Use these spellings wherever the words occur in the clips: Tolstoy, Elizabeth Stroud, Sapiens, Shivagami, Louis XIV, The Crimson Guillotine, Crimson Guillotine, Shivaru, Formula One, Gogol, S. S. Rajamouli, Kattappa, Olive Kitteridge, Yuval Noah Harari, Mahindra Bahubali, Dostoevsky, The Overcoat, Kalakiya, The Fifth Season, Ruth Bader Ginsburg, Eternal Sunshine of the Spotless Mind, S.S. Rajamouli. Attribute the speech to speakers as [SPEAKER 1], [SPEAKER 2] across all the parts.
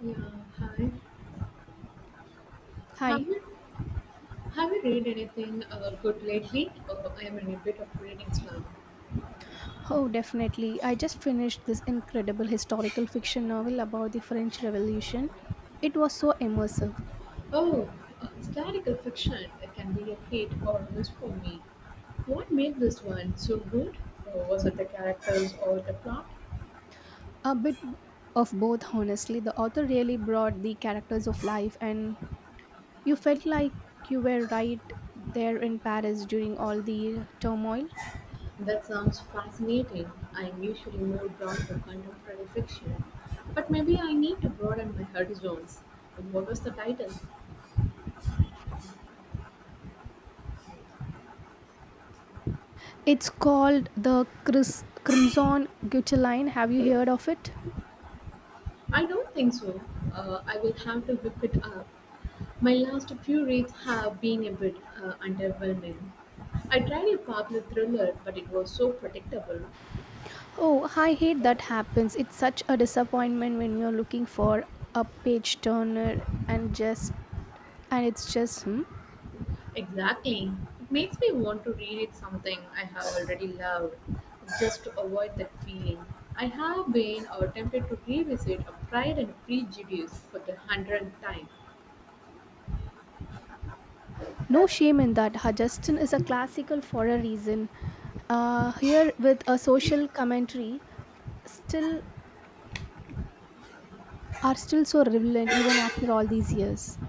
[SPEAKER 1] Yeah, hi. Have
[SPEAKER 2] Hi.
[SPEAKER 1] you have you read anything good lately? Oh, I am in a bit of reading slump.
[SPEAKER 2] Oh, definitely. I just finished this incredible historical fiction novel about the French Revolution. It was so immersive.
[SPEAKER 1] Oh, historical fiction it can be a hit or miss for me. What made this one so good? Was it the characters or the plot?
[SPEAKER 2] A bit of both, honestly. The author really brought the characters of life, and you felt like you were right there in Paris during all the turmoil.
[SPEAKER 1] That sounds fascinating. I am usually more drawn to contemporary fiction, but maybe I need to broaden my horizons. What was the title?
[SPEAKER 2] It's called the Chris. Crimson Guillotine, have you heard of it?
[SPEAKER 1] I don't think so. I will have to whip it up. My last few reads have been a bit underwhelming. I tried a popular thriller, but it was so predictable.
[SPEAKER 2] Oh, I hate that happens. It's such a disappointment when you're looking for a page turner and just and it's just hmm,
[SPEAKER 1] Exactly. It makes me want to read it something I have already loved, just to avoid that feeling. I have been tempted to revisit a Pride and Prejudice for the 100th time.
[SPEAKER 2] no shame in that. Hajastan is a classical for a reason. Here with a social commentary, still are still so relevant even after all these years.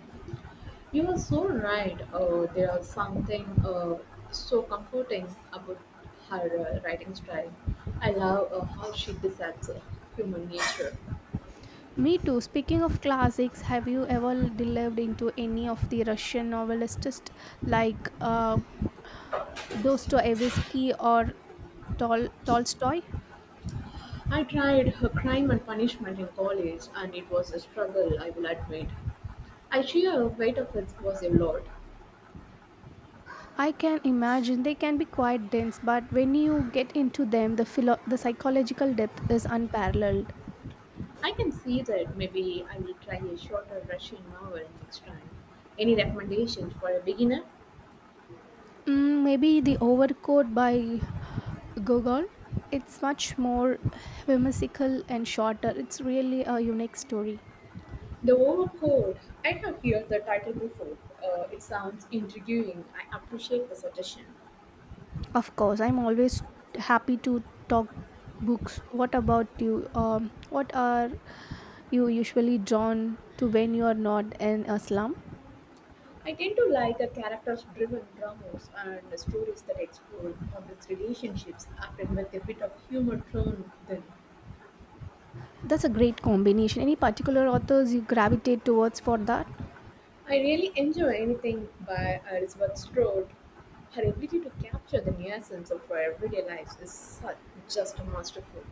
[SPEAKER 1] You are so right. There are something so comforting about her writing style. I love how she dissects human nature.
[SPEAKER 2] Me too. Speaking of classics, have you ever delved into any of the Russian novelists like Dostoevsky or Tolstoy?
[SPEAKER 1] I tried her crime and punishment in college, and it was a struggle, I will admit. I sheer weight of it was a lot.
[SPEAKER 2] I can imagine they can be quite dense, but when you get into them, the the psychological depth is unparalleled.
[SPEAKER 1] I can see that maybe I will try a shorter Russian novel next time. Any recommendations for a beginner?
[SPEAKER 2] Mm, maybe The Overcoat by Gogol. It's much more whimsical and shorter. It's really a unique story.
[SPEAKER 1] The Overcold. I have heard the title before. It sounds intriguing. I appreciate the suggestion.
[SPEAKER 2] Of course, I'm always happy to talk books. What about you? What are you usually drawn to when you are not in a slum?
[SPEAKER 1] I tend to like the characters-driven dramas and the stories that explore complex relationships, often with a bit of humor thrown in.
[SPEAKER 2] That's a great combination. Any particular authors you gravitate towards for that?
[SPEAKER 1] I really enjoy anything by Elizabeth Strode. Her ability to capture the nuisance of our everyday lives is such, just masterful.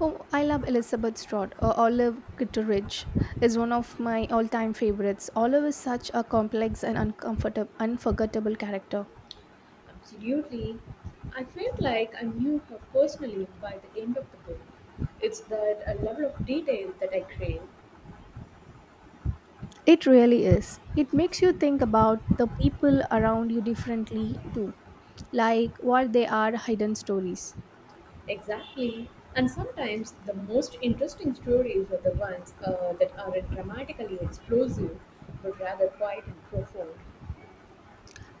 [SPEAKER 2] Oh, I love Elizabeth Stroud. Olive Kitteridge is one of my all-time favorites. Olive is such a complex and uncomfortable, unforgettable character.
[SPEAKER 1] Absolutely. I felt like I knew her personally by the end of the book. It's that a level of detail that I crave.
[SPEAKER 2] It really is. It makes you think about the people around you differently too, like what they are hidden stories.
[SPEAKER 1] Exactly. And sometimes the most interesting stories are the ones that aren't dramatically explosive, but rather quiet and profound.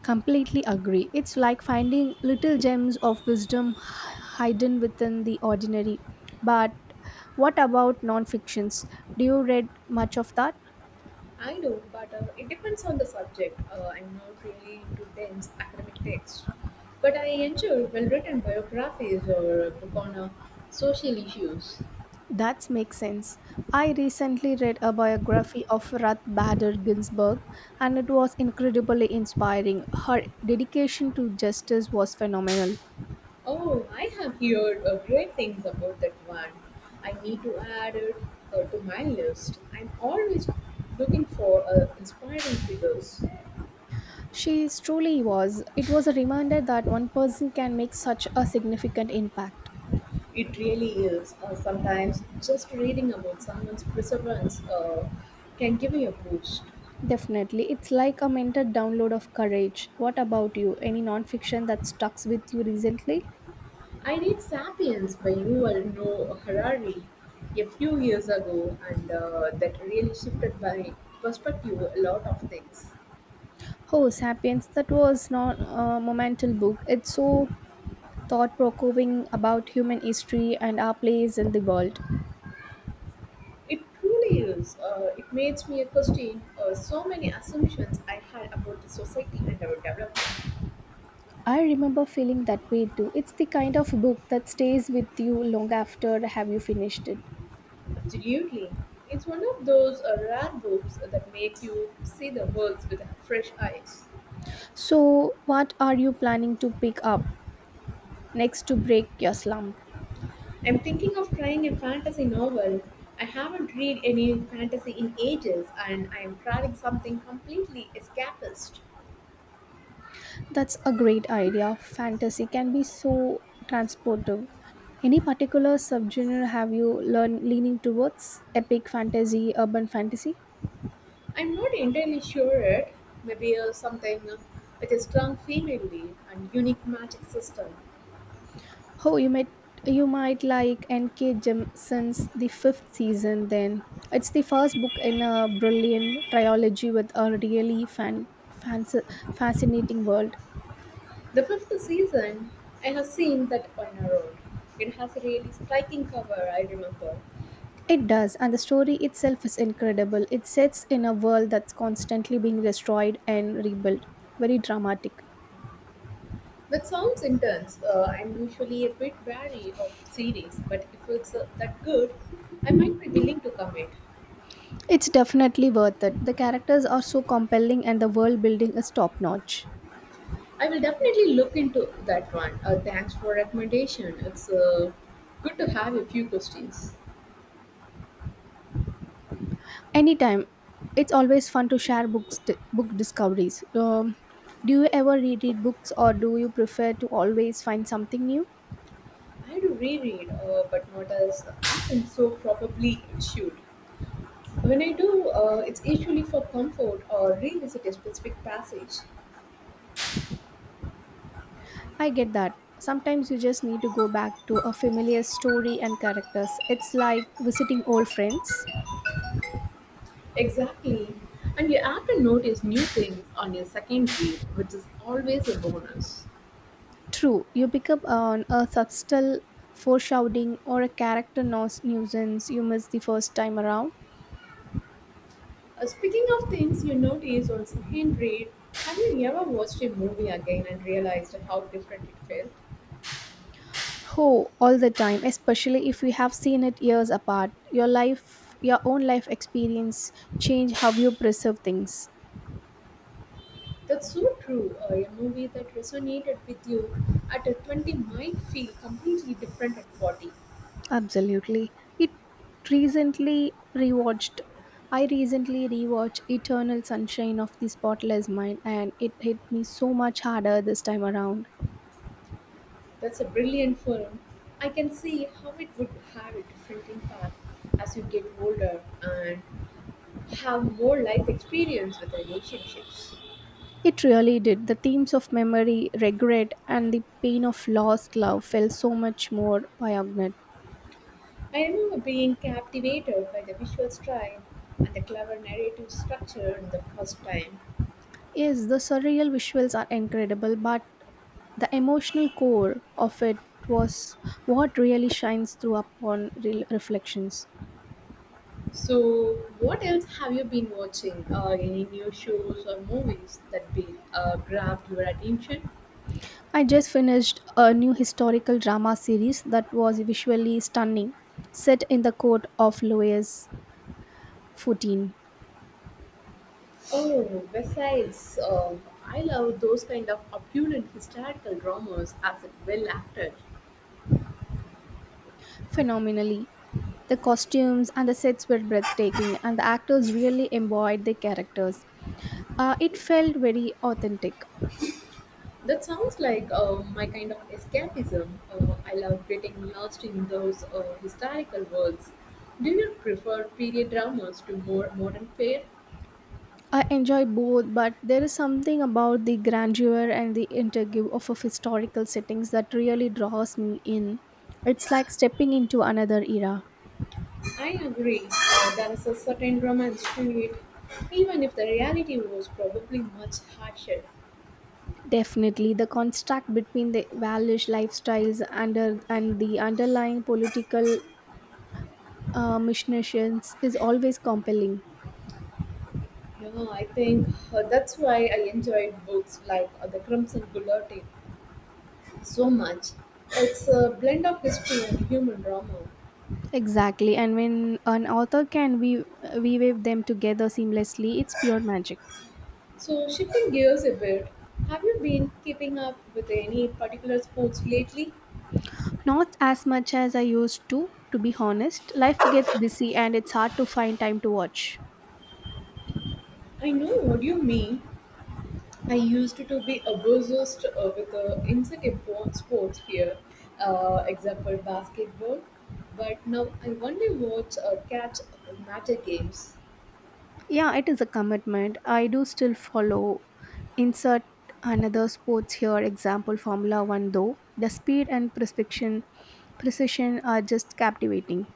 [SPEAKER 2] Completely agree. It's like finding little gems of wisdom hidden within the ordinary. But what about non-fictions? Do you read much of that?
[SPEAKER 1] I know, but it depends on the subject. I'm not really into dense academic texts. But I enjoy well written biographies or a book on social issues.
[SPEAKER 2] That makes sense. I recently read a biography of Ruth Bader Ginsburg and it was incredibly inspiring. Her dedication to justice was phenomenal.
[SPEAKER 1] Oh, I have heard great things about that one. I need to add it to my list. I'm always looking for inspiring figures.
[SPEAKER 2] She truly was. It was a reminder that one person can make such a significant impact.
[SPEAKER 1] It really is. Sometimes just reading about someone's perseverance can give you a boost.
[SPEAKER 2] Definitely. It's like a mental download of courage. What about you? Any nonfiction that stucks with you recently?
[SPEAKER 1] I read *Sapiens* by Yuval Noah Harari a few years ago, and that really shifted my perspective a lot of things.
[SPEAKER 2] Oh, Sapiens, that was not a monumental book. It's so thought provoking about human history and our place in the world.
[SPEAKER 1] It truly is. It makes me question so many assumptions I had about the society and our development.
[SPEAKER 2] I remember feeling that way too. It's the kind of book that stays with you long after have you finished it.
[SPEAKER 1] Absolutely. It's one of those rare books that make you see the world with fresh eyes.
[SPEAKER 2] So, what are you planning to pick up next to break your slump?
[SPEAKER 1] I'm thinking of trying a fantasy novel. I haven't read any fantasy in ages and I am trying something completely escapist.
[SPEAKER 2] That's a great idea. Fantasy can be so transportive. Any particular subgenre have you learned leaning towards? Epic fantasy, urban fantasy?
[SPEAKER 1] I'm not entirely sure it. Maybe something with a strong female lead and unique magic system.
[SPEAKER 2] Oh, you might like N.K. Jemisin's The Fifth Season. Then it's the first book in a brilliant trilogy with a really fascinating world.
[SPEAKER 1] The fifth season, I have seen that on a road. It has a really striking cover, I remember.
[SPEAKER 2] It does, and the story itself is incredible. It sets in a world that's constantly being destroyed and rebuilt. Very dramatic.
[SPEAKER 1] That sounds intense. I'm usually a bit wary of series, but if it's that good, I might be willing to commit.
[SPEAKER 2] It's definitely worth it. The characters are so compelling, and the world building is top notch.
[SPEAKER 1] I will definitely look into that one. Thanks for recommendation. It's good to have a few questions.
[SPEAKER 2] Anytime. It's always fun to share book discoveries. Do you ever reread books or do you prefer to always find something new?
[SPEAKER 1] I do reread, but not as often, so probably it should. When I do, it's usually for comfort or revisit a specific passage.
[SPEAKER 2] I get that. Sometimes you just need to go back to a familiar story and characters. It's like visiting old friends.
[SPEAKER 1] Exactly. And you have to notice new things on your second read, which is always a bonus.
[SPEAKER 2] True, you pick up on a subtle foreshadowing or a character nuisance you missed the first time around.
[SPEAKER 1] Speaking of things you notice on second read, have you ever watched a movie again and realized how different it felt?
[SPEAKER 2] Oh, all the time, especially if we have seen it years apart. Your own life experience change how you perceive things.
[SPEAKER 1] That's so true. A movie that resonated with you at a 20 might feel completely different at 40.
[SPEAKER 2] Absolutely. It recently rewatched I recently rewatched Eternal Sunshine of the Spotless Mind and it hit me so much harder this time around.
[SPEAKER 1] That's a brilliant film. I can see how it would have a different impact as you get older and have more life experience with relationships.
[SPEAKER 2] It really did. The themes of memory, regret and the pain of lost love felt so much more poignant.
[SPEAKER 1] I remember being captivated by the visual style and the clever narrative structure the first time.
[SPEAKER 2] Yes, the surreal visuals are incredible, but the emotional core of it was what really shines through upon reflections.
[SPEAKER 1] So, what else have you been watching? Any new shows or movies that be grabbed your attention?
[SPEAKER 2] I just finished a new historical drama series that was visually stunning, set in the court of Louis XIV.
[SPEAKER 1] Oh, besides, I love those kind of opulent historical dramas as well acted.
[SPEAKER 2] Phenomenally, the costumes and the sets were breathtaking, and the actors really embodied their characters. It felt very authentic.
[SPEAKER 1] That sounds like my kind of escapism. I love getting lost in those historical works. Do you prefer period dramas to more modern fare?
[SPEAKER 2] I enjoy both, but there is something about the grandeur and the interview of historical settings that really draws me in. It's like stepping into another era.
[SPEAKER 1] I agree. There is a certain romance to it, even if the reality was probably much harsher.
[SPEAKER 2] Definitely, the contrast between the Walish lifestyles under, and the underlying political machinations is always compelling.
[SPEAKER 1] Yeah, I think that's why I enjoyed books like The Crimson Guillotine so much. It's a blend of history and human drama.
[SPEAKER 2] Exactly, and when an author can we weave them together seamlessly, it's pure magic.
[SPEAKER 1] So, shifting gears a bit, have you been keeping up with any particular sports lately?
[SPEAKER 2] Not as much as I used to be honest. Life gets busy and it's hard to find time to watch.
[SPEAKER 1] I know what you mean. I used to be obsessed with sports here, example basketball, but now I only watch catch matter games.
[SPEAKER 2] Yeah, it is a commitment. I do still follow. Insert another sports here, example Formula One, though. The precision are just captivating.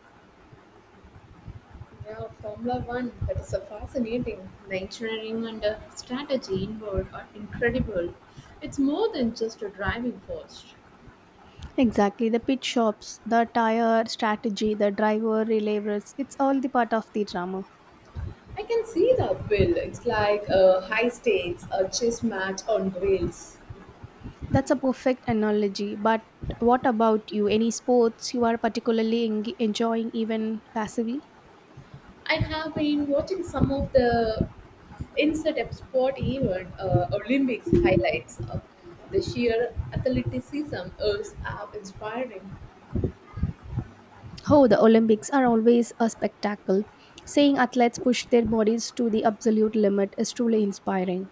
[SPEAKER 1] Yeah, Formula One, that is a fascinating. The engineering and strategy involved are incredible. It's more than just a driving force.
[SPEAKER 2] Exactly, the pit stops, the tire strategy, the driver relevers, it's all the part of the drama.
[SPEAKER 1] I can see the appeal. It's like a high stakes, a chess match on rails.
[SPEAKER 2] That's a perfect analogy. But what about you? Any sports you are particularly eng enjoying, even passively?
[SPEAKER 1] I have been watching some of the insert a sport event Olympics highlights. The sheer athleticism is inspiring.
[SPEAKER 2] Oh, the Olympics are always a spectacle. Seeing athletes push their bodies to the absolute limit is truly inspiring.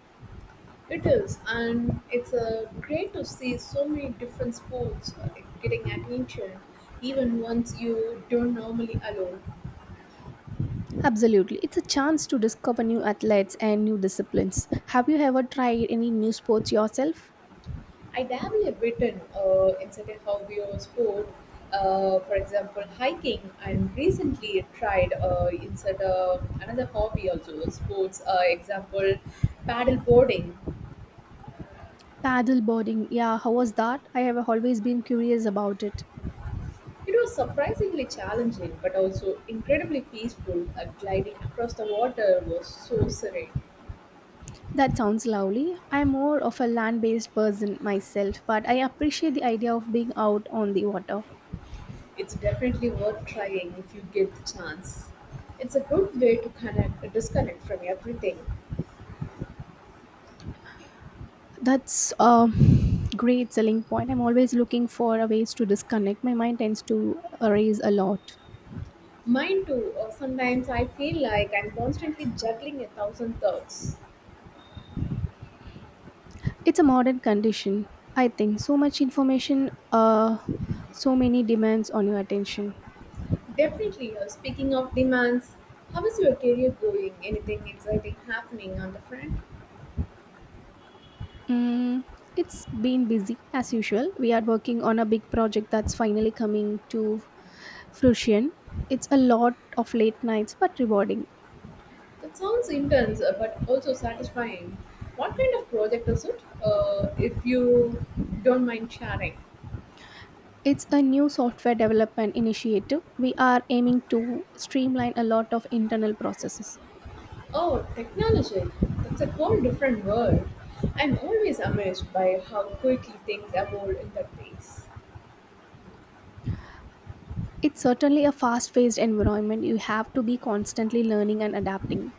[SPEAKER 1] It is, and it's great to see so many different sports getting attention, even ones you don't normally allow.
[SPEAKER 2] Absolutely. It's a chance to discover new athletes and new disciplines. Have you ever tried any new sports yourself?
[SPEAKER 1] I dabble a bit in certain hobby or sport, for example, hiking. And recently tried insert another hobby also, sports. Example, paddle boarding.
[SPEAKER 2] Paddle boarding. Yeah, how was that? I have always been curious about it.
[SPEAKER 1] It was surprisingly challenging, but also incredibly peaceful. Gliding across the water was so serene.
[SPEAKER 2] That sounds lovely. I'm more of a land based person myself, but I appreciate the idea of being out on the water.
[SPEAKER 1] It's definitely worth trying if you get the chance. It's a good way to connect, disconnect from everything.
[SPEAKER 2] That's a great selling point. I'm always looking for a ways to disconnect. My mind tends to erase a lot.
[SPEAKER 1] Mine too. Sometimes I feel like I'm constantly juggling a thousand thoughts.
[SPEAKER 2] It's a modern condition, I think. So much information, so many demands on your attention.
[SPEAKER 1] Definitely. Speaking of demands, how is your career going? Anything exciting happening on the front?
[SPEAKER 2] Mm, it's been busy as usual. We are working on a big project that's finally coming to fruition. It's a lot of late nights but rewarding.
[SPEAKER 1] That sounds intense, but also satisfying. What kind of project is it? If you don't mind sharing.
[SPEAKER 2] It's a new software development initiative. We are aiming to streamline a lot of internal processes.
[SPEAKER 1] Oh, technology. That's a whole different world. I'm always amazed by how quickly things evolve in that space.
[SPEAKER 2] It's certainly a fast paced environment. You have to be constantly learning and adapting.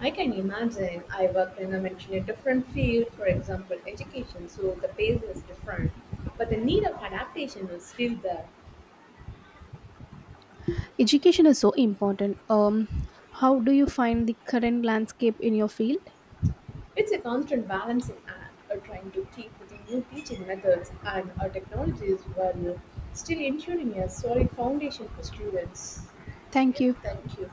[SPEAKER 1] I can imagine. I worked in a much different field, for example, education, so the pace was different. But the need of adaptation was still there.
[SPEAKER 2] Education is so important. How do you find the current landscape in your field?
[SPEAKER 1] It's a constant balancing act, or trying to keep with the new teaching methods and our technologies while still ensuring a solid foundation for students.
[SPEAKER 2] Thank
[SPEAKER 1] Yeah,
[SPEAKER 2] you.
[SPEAKER 1] thank you.